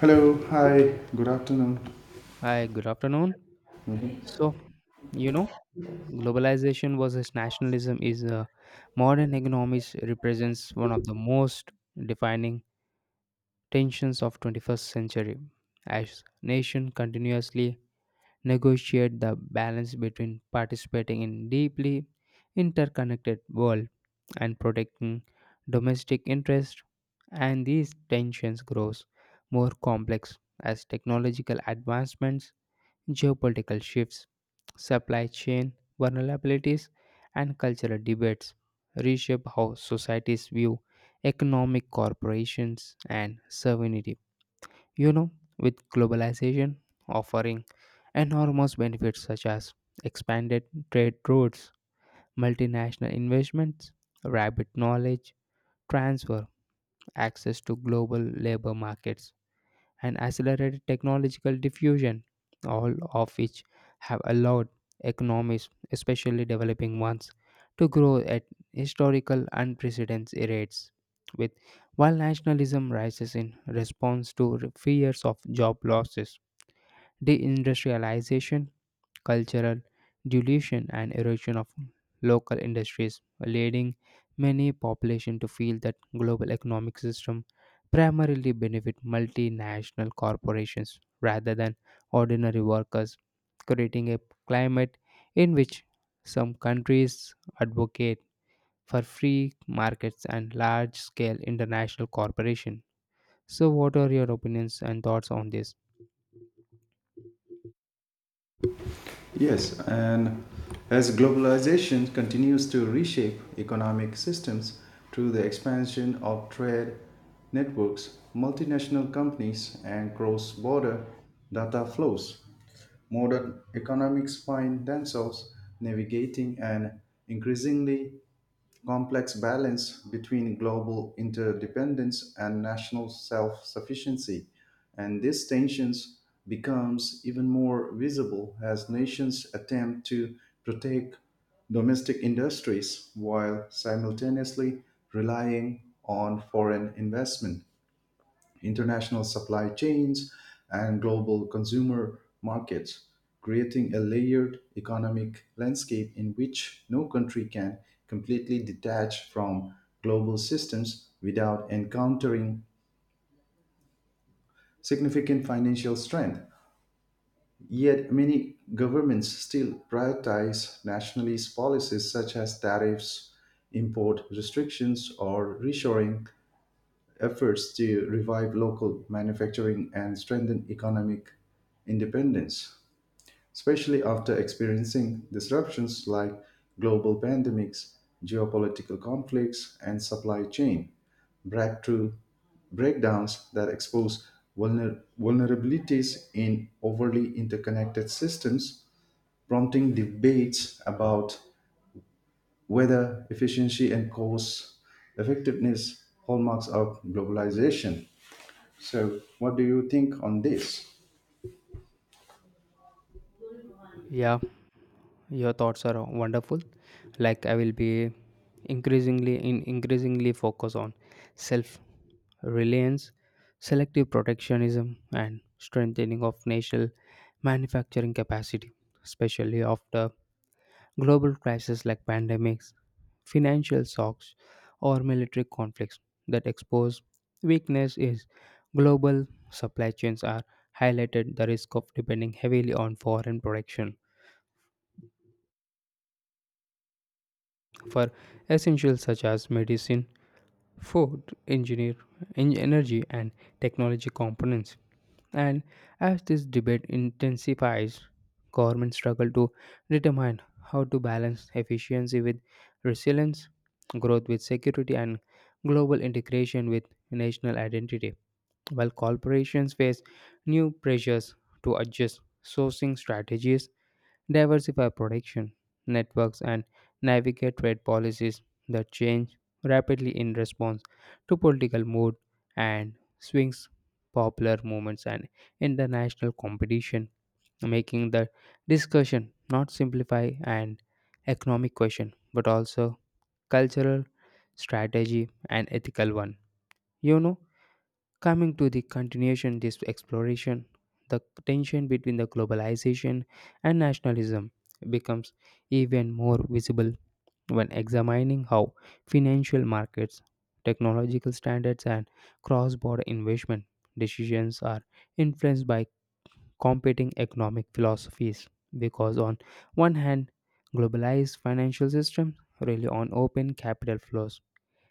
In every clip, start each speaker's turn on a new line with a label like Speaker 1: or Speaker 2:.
Speaker 1: Hello, hi, good afternoon.
Speaker 2: Hi, good afternoon. So, you know, Globalization versus nationalism is modern economics represents one of the most defining tensions of 21st century as nation continuously negotiate the balance between participating in deeply interconnected world and protecting domestic interest, and these tensions grows more complex as technological advancements, geopolitical shifts, supply chain vulnerabilities, and cultural debates reshape how societies view economic corporations and sovereignty. You know, with globalization offering enormous benefits such as expanded trade routes, multinational investments, rapid knowledge transfer, access to global labor markets, and accelerated technological diffusion, all of which have allowed economies, especially developing ones, to grow at historical unprecedented rates. With while nationalism rises in response to fears of job losses, deindustrialization, cultural dilution, and erosion of local industries, leading many population to feel that global economic system primarily benefit multinational corporations rather than ordinary workers, creating a climate in which some countries advocate for free markets and large scale international cooperation. So, what are your opinions and thoughts on this? Yeah, your
Speaker 1: Yes, and as globalization continues to reshape economic systems through the expansion of trade networks, multinational companies, and cross border data flows, modern economics find themselves navigating an increasingly complex balance between global interdependence and national self-sufficiency and these tensions becomes even more visible as nations attempt to protect domestic industries while simultaneously relying on foreign investment international supply chains, and global consumer markets, creating a layered economic landscape in which no country can completely detach from global systems without encountering significant financial strength. Yet, many governments still prioritize nationalist policies such as tariffs, import restrictions, or reshoring efforts to revive local manufacturing and strengthen economic independence, especially after experiencing disruptions like global pandemics, geopolitical conflicts, and supply chain breakthrough breakdowns that expose vulnerabilities in overly interconnected systems, prompting debates about whether efficiency and cost effectiveness hallmarks of globalization. So, what do you think on this?
Speaker 2: thoughts are wonderful. Like, I will be increasingly focus on self reliance, selective protectionism, and strengthening of national manufacturing capacity, especially after global crises like pandemics, financial shocks, or military conflicts that expose weakness is global supply chains are highlighted the risk of depending heavily on foreign production for essentials such as medicine, food, engineer, energy, and technology components. And as this debate intensifies, governments struggle to determine how to balance efficiency with resilience, growth with security, and global integration with national identity, while corporations face new pressures to adjust sourcing strategies, diversify production networks, and navigate trade policies that change rapidly in response to political mood and swings, popular movements, and international competition, making the discussion not simplify an economic question but also cultural strategy and ethical one. You know, Coming to the continuation this exploration, the tension between the globalization and nationalism becomes even more visible when examining how financial markets, technological standards, and cross-border investment decisions are influenced by competing economic philosophies, because on one hand globalized financial systems rely on open capital flows,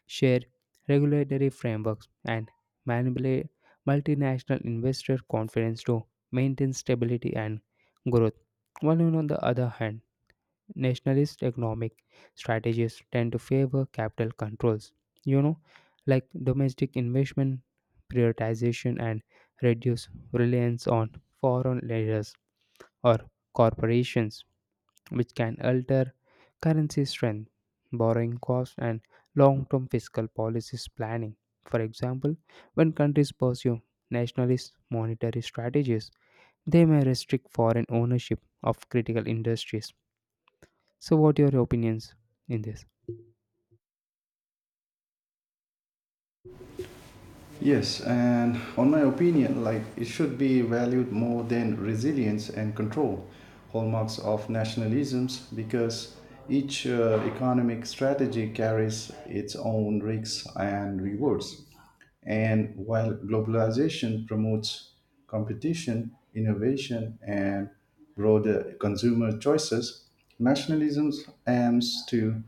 Speaker 2: share regulatory frameworks, and manipulate multinational investor confidence to maintain stability and growth. While on the other hand, nationalist economic strategies tend to favor capital controls, you know, like domestic investment prioritization and reduce reliance on foreign leaders or corporations, which can alter currency strength, borrowing costs, and long term fiscal policies planning. For example, when countries pursue nationalist monetary strategies, they may restrict foreign ownership of critical industries. So, what are your opinions in this?
Speaker 1: Yes, and on my opinion, like it should be valued more than resilience and control, hallmarks of nationalisms, because each economic strategy carries its own risks and rewards. And while globalization promotes competition, innovation, and broader consumer choices, nationalism aims to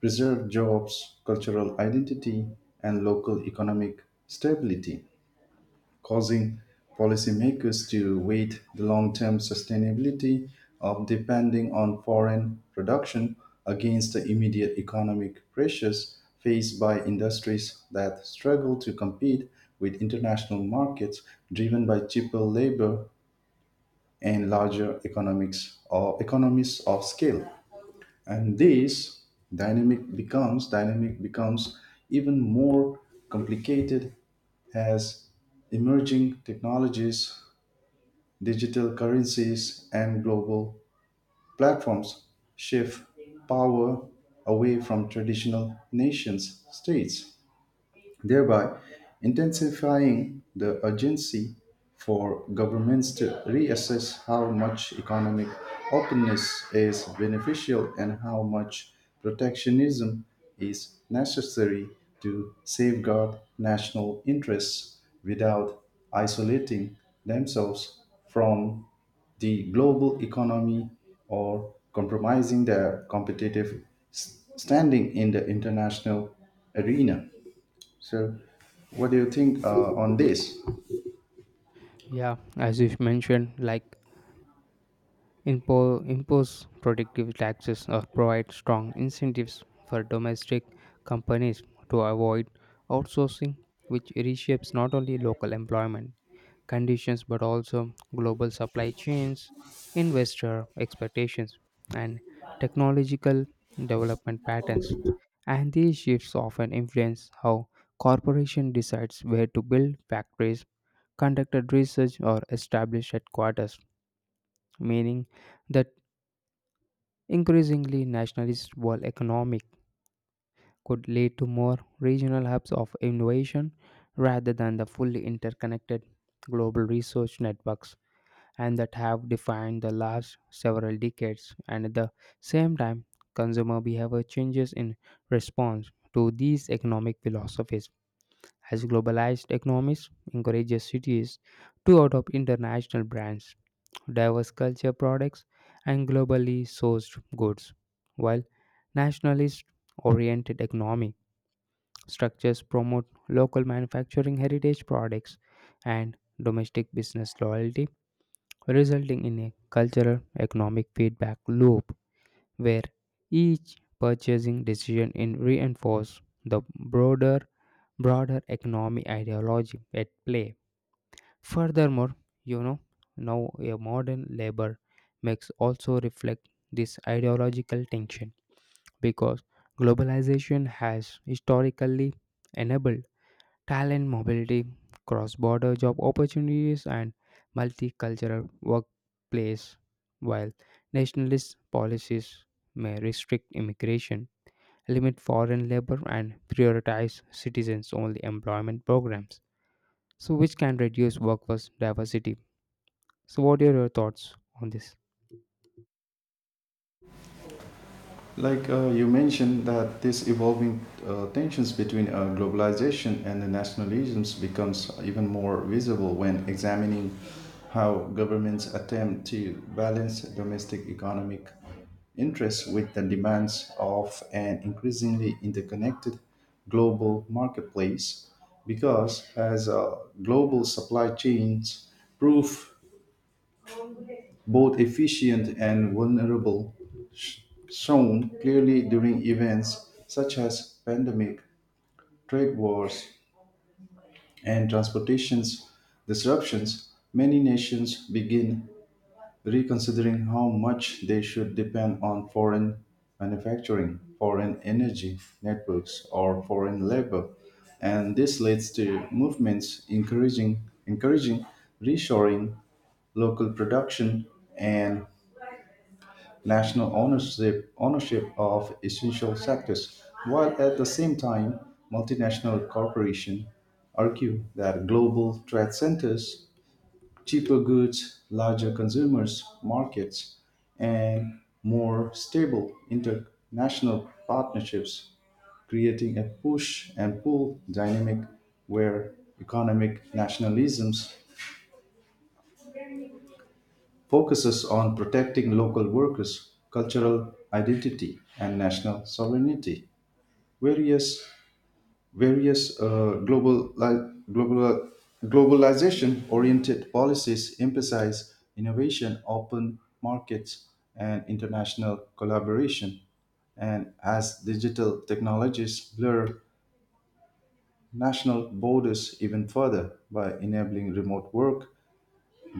Speaker 1: preserve jobs, cultural identity, and local economic stability causing policymakers to weigh the long term sustainability of depending on foreign production against the immediate economic pressures faced by industries that struggle to compete with international markets driven by cheaper labor and larger economics or economies of scale and this dynamic becomes even more complicated as emerging technologies digital currencies and global platforms shift power away from traditional nations states thereby intensifying the urgency for governments to reassess how much economic openness is beneficial and how much protectionism is necessary to safeguard national interests without isolating themselves from the global economy or compromising their competitive standing in the international arena. So, what do you think on this?
Speaker 2: Yeah, as you mentioned, like impose productive taxes or provide strong incentives for domestic companies to avoid outsourcing, which reshapes not only local employment conditions but also global supply chains, investor expectations, and technological development patterns. And these shifts often influence how corporation decides where to build factories, conducted research, or establish headquarters, meaning that increasingly nationalist world economic could lead to more regional hubs of innovation rather than the fully interconnected global research networks and that have defined the last several decades. And at the same time, consumer behavior changes in response to these economic philosophies as globalized economies encourages cities to adopt international brands, diverse culture products, and globally sourced goods, while nationalist oriented economic structures promote local manufacturing heritage products and domestic business loyalty, resulting in a cultural economic feedback loop where each purchasing decision in reinforce the broader economic ideology at play. Furthermore, you know, now a modern labor mix also reflect this ideological tension because globalization has historically enabled talent mobility, cross border job opportunities, and multicultural workplace. While nationalist policies may restrict immigration, limit foreign labor, and prioritize citizens only employment programs, so which can reduce workforce diversity. So, what are your thoughts on this?
Speaker 1: Like you mentioned that this evolving tensions between globalization and the nationalisms becomes even more visible when examining how governments attempt to balance domestic economic interests with the demands of an increasingly interconnected global marketplace because as global supply chains prove both efficient and vulnerable, sh- shown clearly during events such as pandemic, trade wars, and transportation disruptions, many nations begin reconsidering how much they should depend on foreign manufacturing, foreign energy networks, or foreign labor. And this leads to movements encouraging reshoring, local production, and national ownership of essential sectors, while at the same time, multinational corporations argue that global trade centers, cheaper goods, larger consumers markets, and more stable international partnerships, creating a push and pull dynamic where economic nationalisms focuses on protecting local workers' cultural identity and national sovereignty. Various, various global, globalization oriented policies emphasize innovation, open markets, and international collaboration. And as digital technologies blur national borders even further by enabling remote work,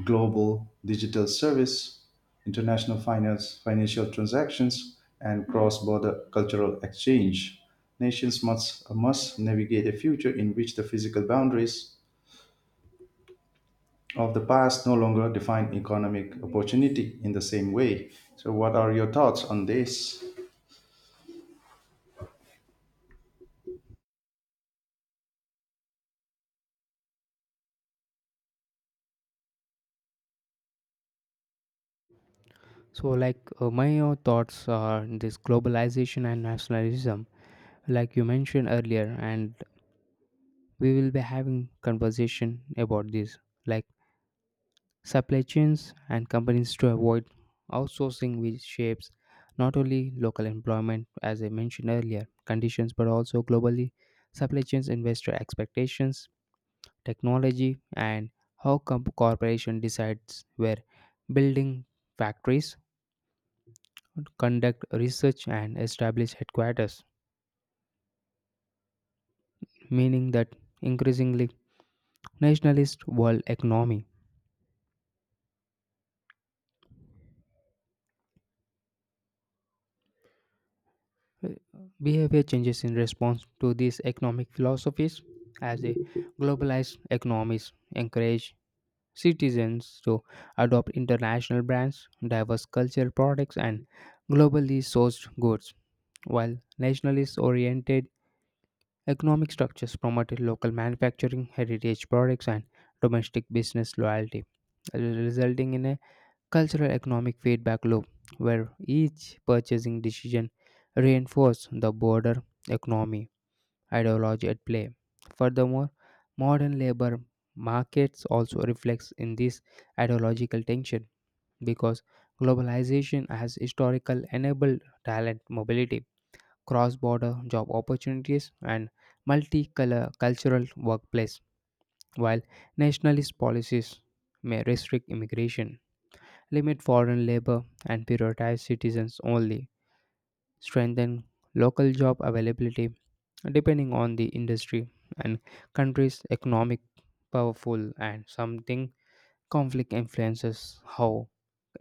Speaker 1: global digital service, international financial transactions, and cross-border cultural exchange. Must navigate a future in which the physical boundaries of the past no longer define economic opportunity in the same way. So, what are your thoughts on this?
Speaker 2: So, like, my thoughts are this globalization and nationalism, like you mentioned earlier, and we will be having conversation about this, like supply chains and companies to avoid outsourcing, which shapes not only local employment, as I mentioned earlier, conditions, but also globally, supply chains, investor expectations, technology, and how corporation decides where building factories, conduct research, and establish headquarters, meaning that increasingly nationalist world economy. Uh, Behavior changes in response to these economic philosophies as the globalized economies encourage citizens to adopt international brands, diverse cultural products, and globally sourced goods, while nationalist oriented economic structures promoted local manufacturing, heritage products, and domestic business loyalty, resulting in a cultural economic feedback loop where each purchasing decision reinforces the broader economy ideology at play. Furthermore, modern labor markets also reflects in this ideological tension because globalization has historical enabled talent mobility, cross-border job opportunities, and multicultural workplace, while nationalist policies may restrict immigration, limit foreign labor, and prioritize citizens only, strengthen local job availability depending on the industry and country's economic powerful and something conflict influences how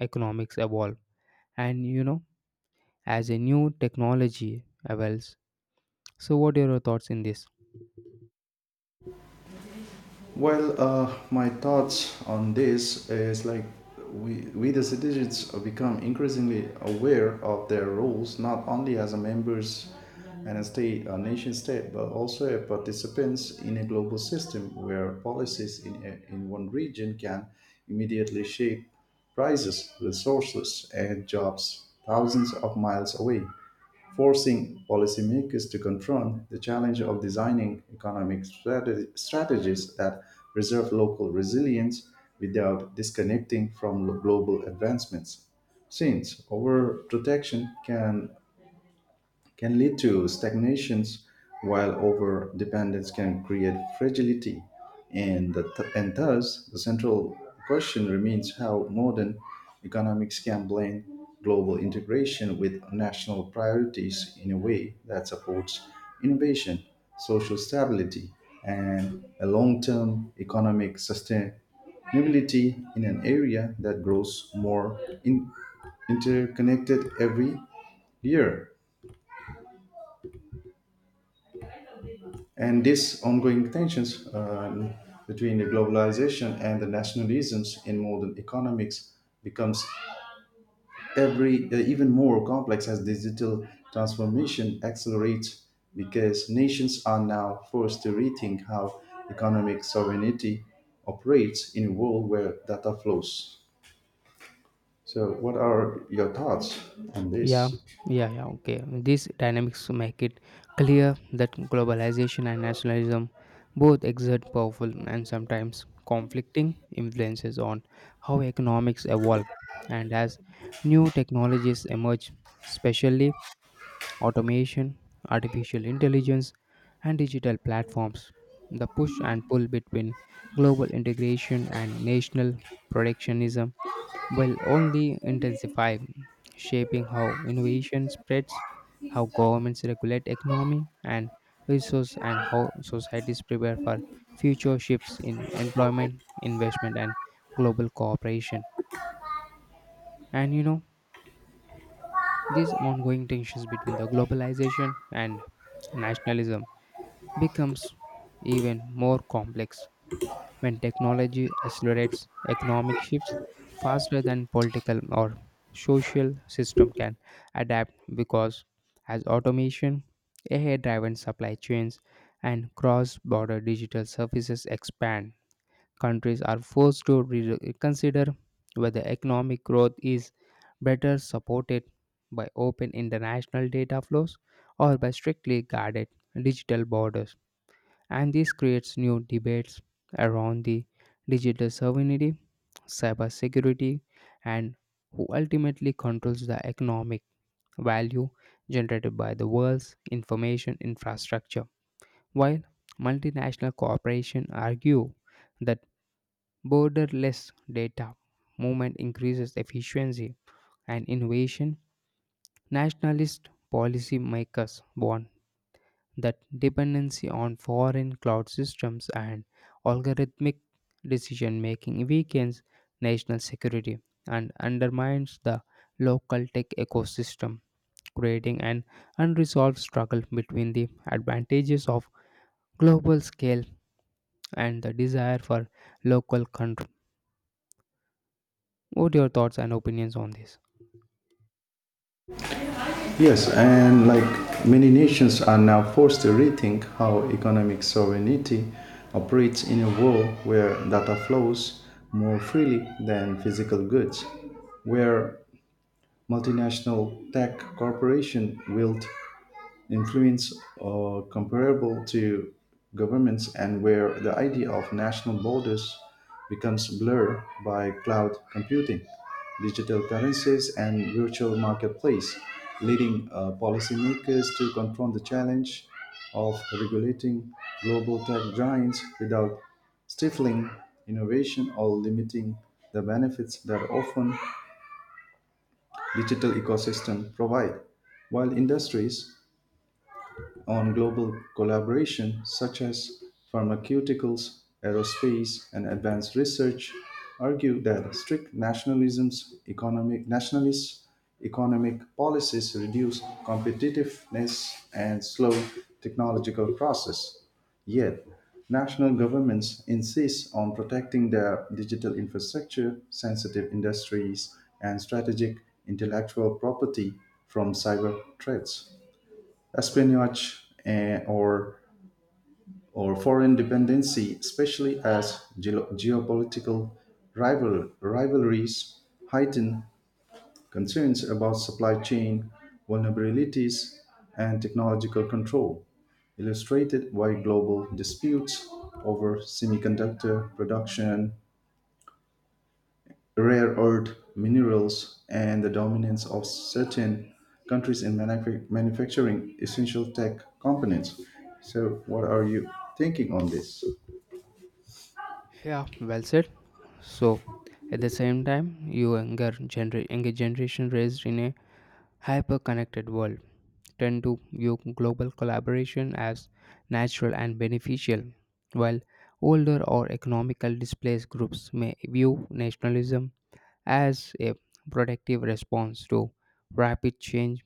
Speaker 2: economics evolve. And you know, as a new technology evolves, so what are your thoughts in this?
Speaker 1: Well, my thoughts on this is like we the citizens become increasingly aware of their roles, not only as a members and a state, a nation state, but also as participants in a global system where policies in one region can immediately shape prices, resources, and jobs thousands of miles away forcing policymakers to confront the challenge of designing economic strategies that preserve local resilience without disconnecting from global advancements. Since overprotection can lead to stagnations, while over dependence can create fragility. And thus, the central question remains how modern economics can blend global integration with national priorities in a way that supports innovation, social stability, and a long term economic sustainability in an area that grows more interconnected every year. And this ongoing tensions between the globalization and the nationalisms in modern economics becomes every even more complex as digital transformation accelerates because nations are now forced to rethink how economic sovereignty operates in a world where data flows. So what are your thoughts on
Speaker 2: Yeah,
Speaker 1: this?
Speaker 2: yeah, yeah. Okay. These dynamics make it clear that globalization and nationalism both exert powerful and sometimes conflicting influences on how economics evolve. And as new technologies emerge, especially automation, artificial intelligence, and digital platforms, the push and pull between global integration and national protectionism will only intensify, shaping how innovation spreads, how governments regulate economy and resource, and how societies prepare for future shifts in employment, investment, and global cooperation. And these ongoing tensions between the globalization and nationalism becomes even more complex when technology accelerates economic shifts faster than political or social system can adapt, because as automation, AI-driven supply chains, and cross-border digital services expand, countries are forced to reconsider whether economic growth is better supported by open international data flows or by strictly guarded digital borders. And this creates new debates around the digital sovereignty, cybersecurity, and who ultimately controls the economic value generated by the world's information infrastructure. While multinational corporations argue that borderless data movement increases efficiency and innovation, nationalist policymakers warn that dependency on foreign cloud systems and algorithmic decision making weakens national security and undermines the local tech ecosystem, creating an unresolved struggle between the advantages of global scale and the desire for local control. What are your thoughts and opinions on this?
Speaker 1: Yes, and like many nations are now forced to rethink how economic sovereignty operates in a world where data flows more freely than physical goods, where multinational tech corporations wield influence comparable to governments and where the idea of national borders becomes blurred by cloud computing, digital currencies, and virtual marketplace, leading policymakers to confront the challenge of regulating global tech giants without stifling innovation or limiting the benefits that often digital ecosystems provide. While industries on global collaboration such as pharmaceuticals, aerospace, and advanced research argue that strict nationalism's economic nationalist economic policies reduce competitiveness and slow technological process. Yet, national governments insist on protecting their digital infrastructure, sensitive industries, and strategic intellectual property from cyber threats espionage or foreign dependency, especially as geopolitical rivalries heighten concerns about supply chain vulnerabilities and technological control, illustrated by global disputes over semiconductor production rare earth minerals, and the dominance of certain countries in manufacturing essential tech components. So, what are you thinking on this?
Speaker 2: Yeah, well said. So, at the same time, you younger generation raised in a hyper-connected world tend to view global collaboration as natural and beneficial, while older or economically displaced groups may view nationalism as a protective response to rapid change,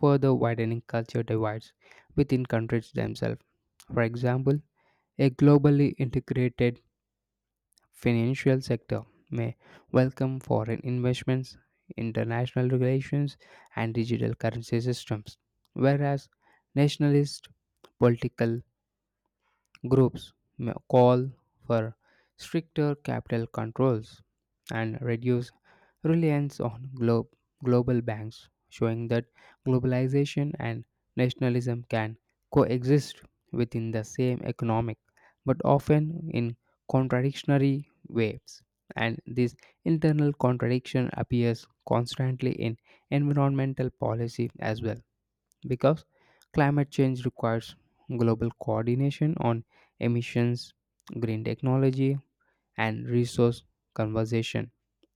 Speaker 2: further widening culture divides within countries themselves. For example, a globally integrated financial sector may welcome foreign investments, international regulations, and digital currency systems, whereas nationalist political groups may call for stricter capital controls and reduce reliance on global banks, showing that globalization and nationalism can coexist within the same economic but often in contradictory waves. And this internal contradiction appears constantly in environmental policy as well, because climate change requires global coordination on emissions, green technology, and resource conservation.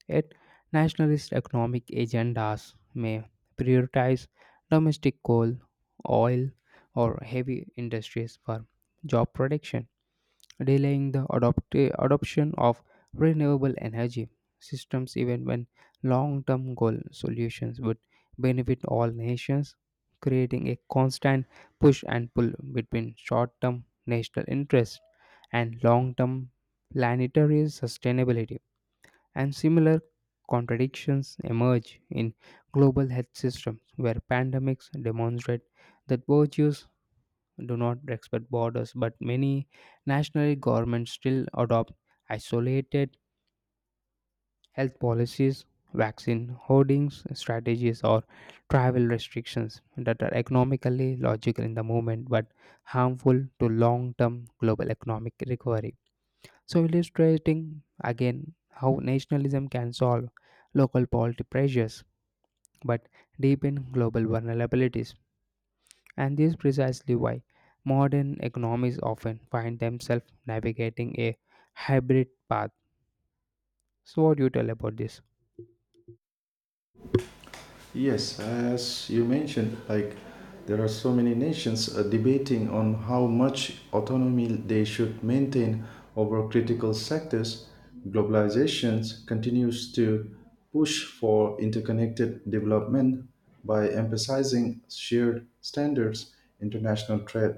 Speaker 2: Yet, nationalist economic agendas may prioritize domestic coal, oil, or heavy industries for job production, delaying the adoption of renewable energy systems even when long term goal solutions would benefit all nations, creating a constant push and pull between short term national interest and long term planetary sustainability. And similar contradictions emerge in global health systems where pandemics demonstrate that virtues do not respect borders, but many national governments still adopt isolated health policies, vaccine hoardings strategies, or travel restrictions that are economically logical in the moment but harmful to long term global economic recovery. So, illustrating again how nationalism can solve local poverty pressures but deepen global vulnerabilities. And this is precisely why modern economies often find themselves navigating a hybrid path. So, what do you tell about this?
Speaker 1: Yes, as you mentioned, like there are so many nations debating on how much autonomy they should maintain over critical sectors. Globalization continues to push for interconnected development by emphasizing shared standards, international trade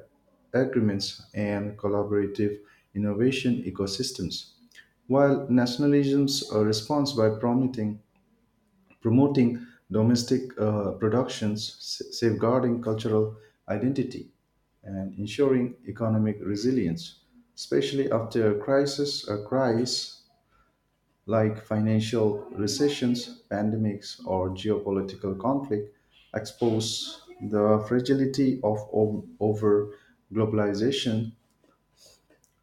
Speaker 1: agreements, and collaborative innovation ecosystems while nationalism's response by promising promoting domestic productions, safeguarding cultural identity, and ensuring economic resilience, especially after crises like financial recessions, pandemics, or geopolitical conflict expose the fragility of over globalization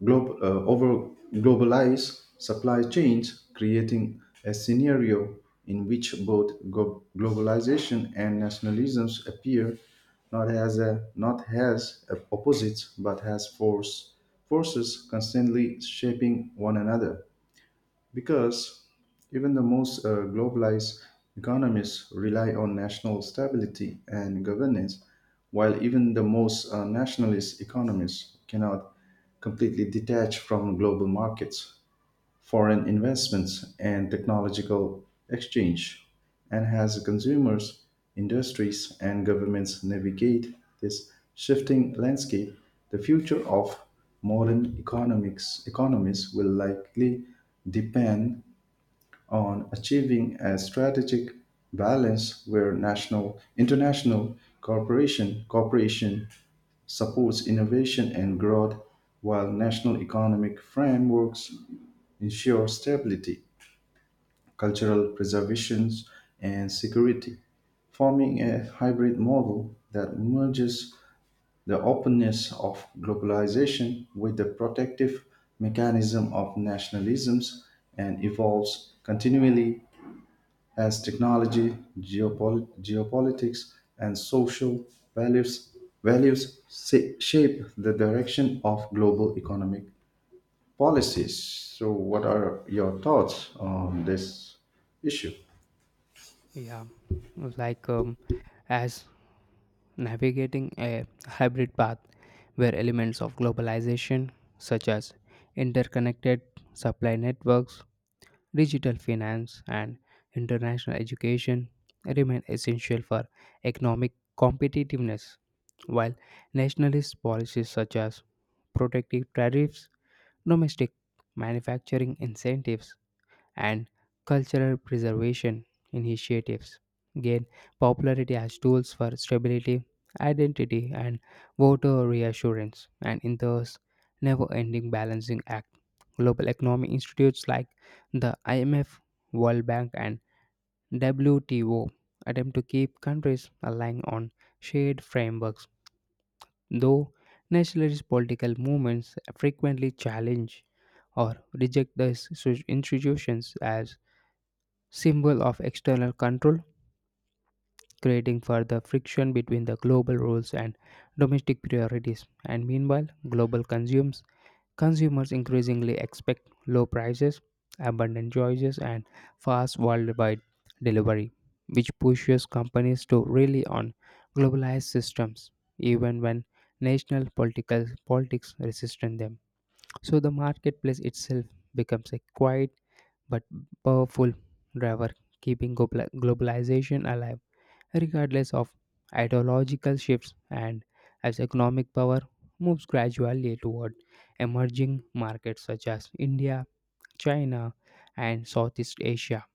Speaker 1: over globalized supply chains, creating a scenario in which both globalization and nationalisms appear not as a opposites but as forces constantly shaping one another. Because even the most globalized economies rely on national stability and governance, while even the most nationalist economies cannot completely detach from global markets, foreign investments, and technological exchange, and as consumers, industries, and governments navigate this shifting landscape, the future of modern economics economies will likely depend on achieving a strategic balance where national international cooperation supports innovation and growth while national economic frameworks ensure stability cultural preservation and security forming a hybrid model that merges the openness of globalization with the protective mechanism of nationalisms and evolves continually as technology, geopolitics, and social values, values shape the direction of global economic policies. So, what are your thoughts on this issue?
Speaker 2: Yeah, like as navigating a hybrid path where elements of globalization, such as interconnected supply networks, digital finance, and international education remain essential for economic competitiveness, while nationalist policies such as protective tariffs, domestic manufacturing incentives, and cultural preservation initiatives gain popularity as tools for stability, identity, and voter reassurance, and in thus never ending balancing act. Global economic institutes like the IMF, World Bank, and WTO attempt to keep countries aligned on shared frameworks, though nationalist political movements frequently challenge or reject these institutions as symbol of external control, creating further friction between the global rules and domestic priorities. And meanwhile, global consumers increasingly expect low prices, abundant choices, and fast worldwide delivery, which pushes companies to rely on globalized systems, even when national political politics resist them. So the marketplace itself becomes a quiet but powerful driver keeping globalization alive regardless of ideological shifts. And as economic power moves gradually toward emerging markets such as India, China, and Southeast Asia.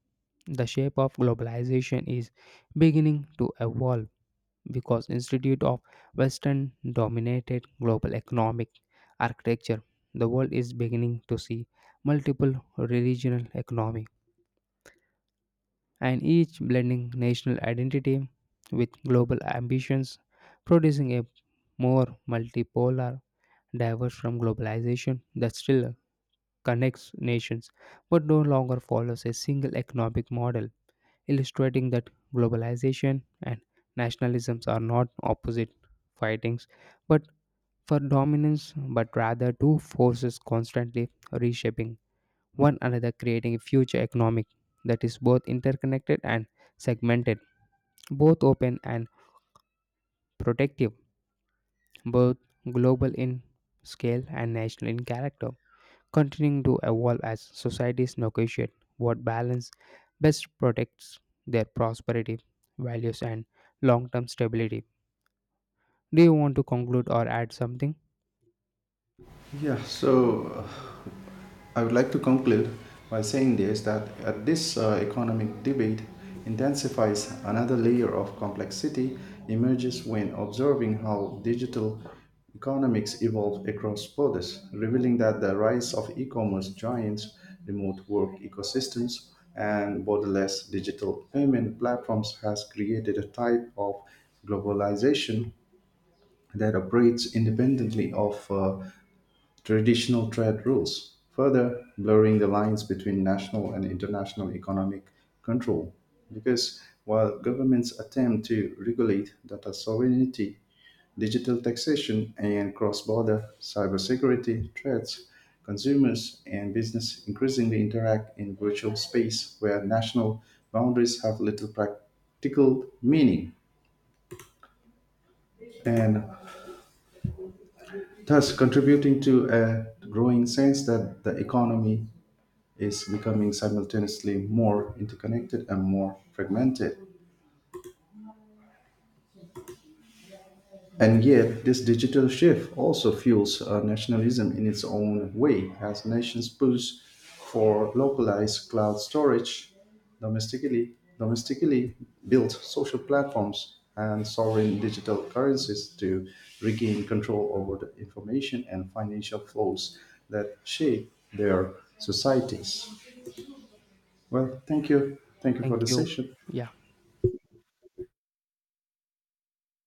Speaker 2: The shape of globalization is beginning to evolve, because instead of western dominated global economic architecture the world is beginning to see multiple regional economy and each blending national identity with global ambitions, producing a more multipolar, diverse from globalization that still connects nations but no longer follows a single economic model, illustrating that globalization and nationalisms are not opposite fightings but for dominance but rather two forces constantly reshaping one another, creating a future economic that is both interconnected and segmented, both open and protective, both global in scale and national in character, continuing to evolve as societies negotiate what balance best protects their prosperity, values, and long term stability. Do you want to conclude or add something?
Speaker 1: Yeah, so I would like to conclude by saying this that this economic debate intensifies another layer of complexity emerges when observing how digital economics evolve across borders, revealing that the rise of e-commerce giants, remote work ecosystems, and borderless digital payment platforms has created a type of globalization that operates independently of traditional trade rules, further blurring the lines between national and international economic control. Because while governments attempt to regulate data sovereignty, digital taxation, and cross border cybersecurity threats, consumers and business increasingly interact in virtual space where national boundaries have little practical meaning. And thus contributing to a growing sense that the economy is becoming simultaneously more interconnected and more fragmented. And yet, this digital shift also fuels nationalism in its own way, as nations push for localized cloud storage, domestically built social platforms, and sovereign digital currencies to regain control over the information and financial flows that shape their societies. Well, thank you. Thank you for
Speaker 2: Thank
Speaker 1: the
Speaker 2: you.
Speaker 1: session.
Speaker 2: Yeah.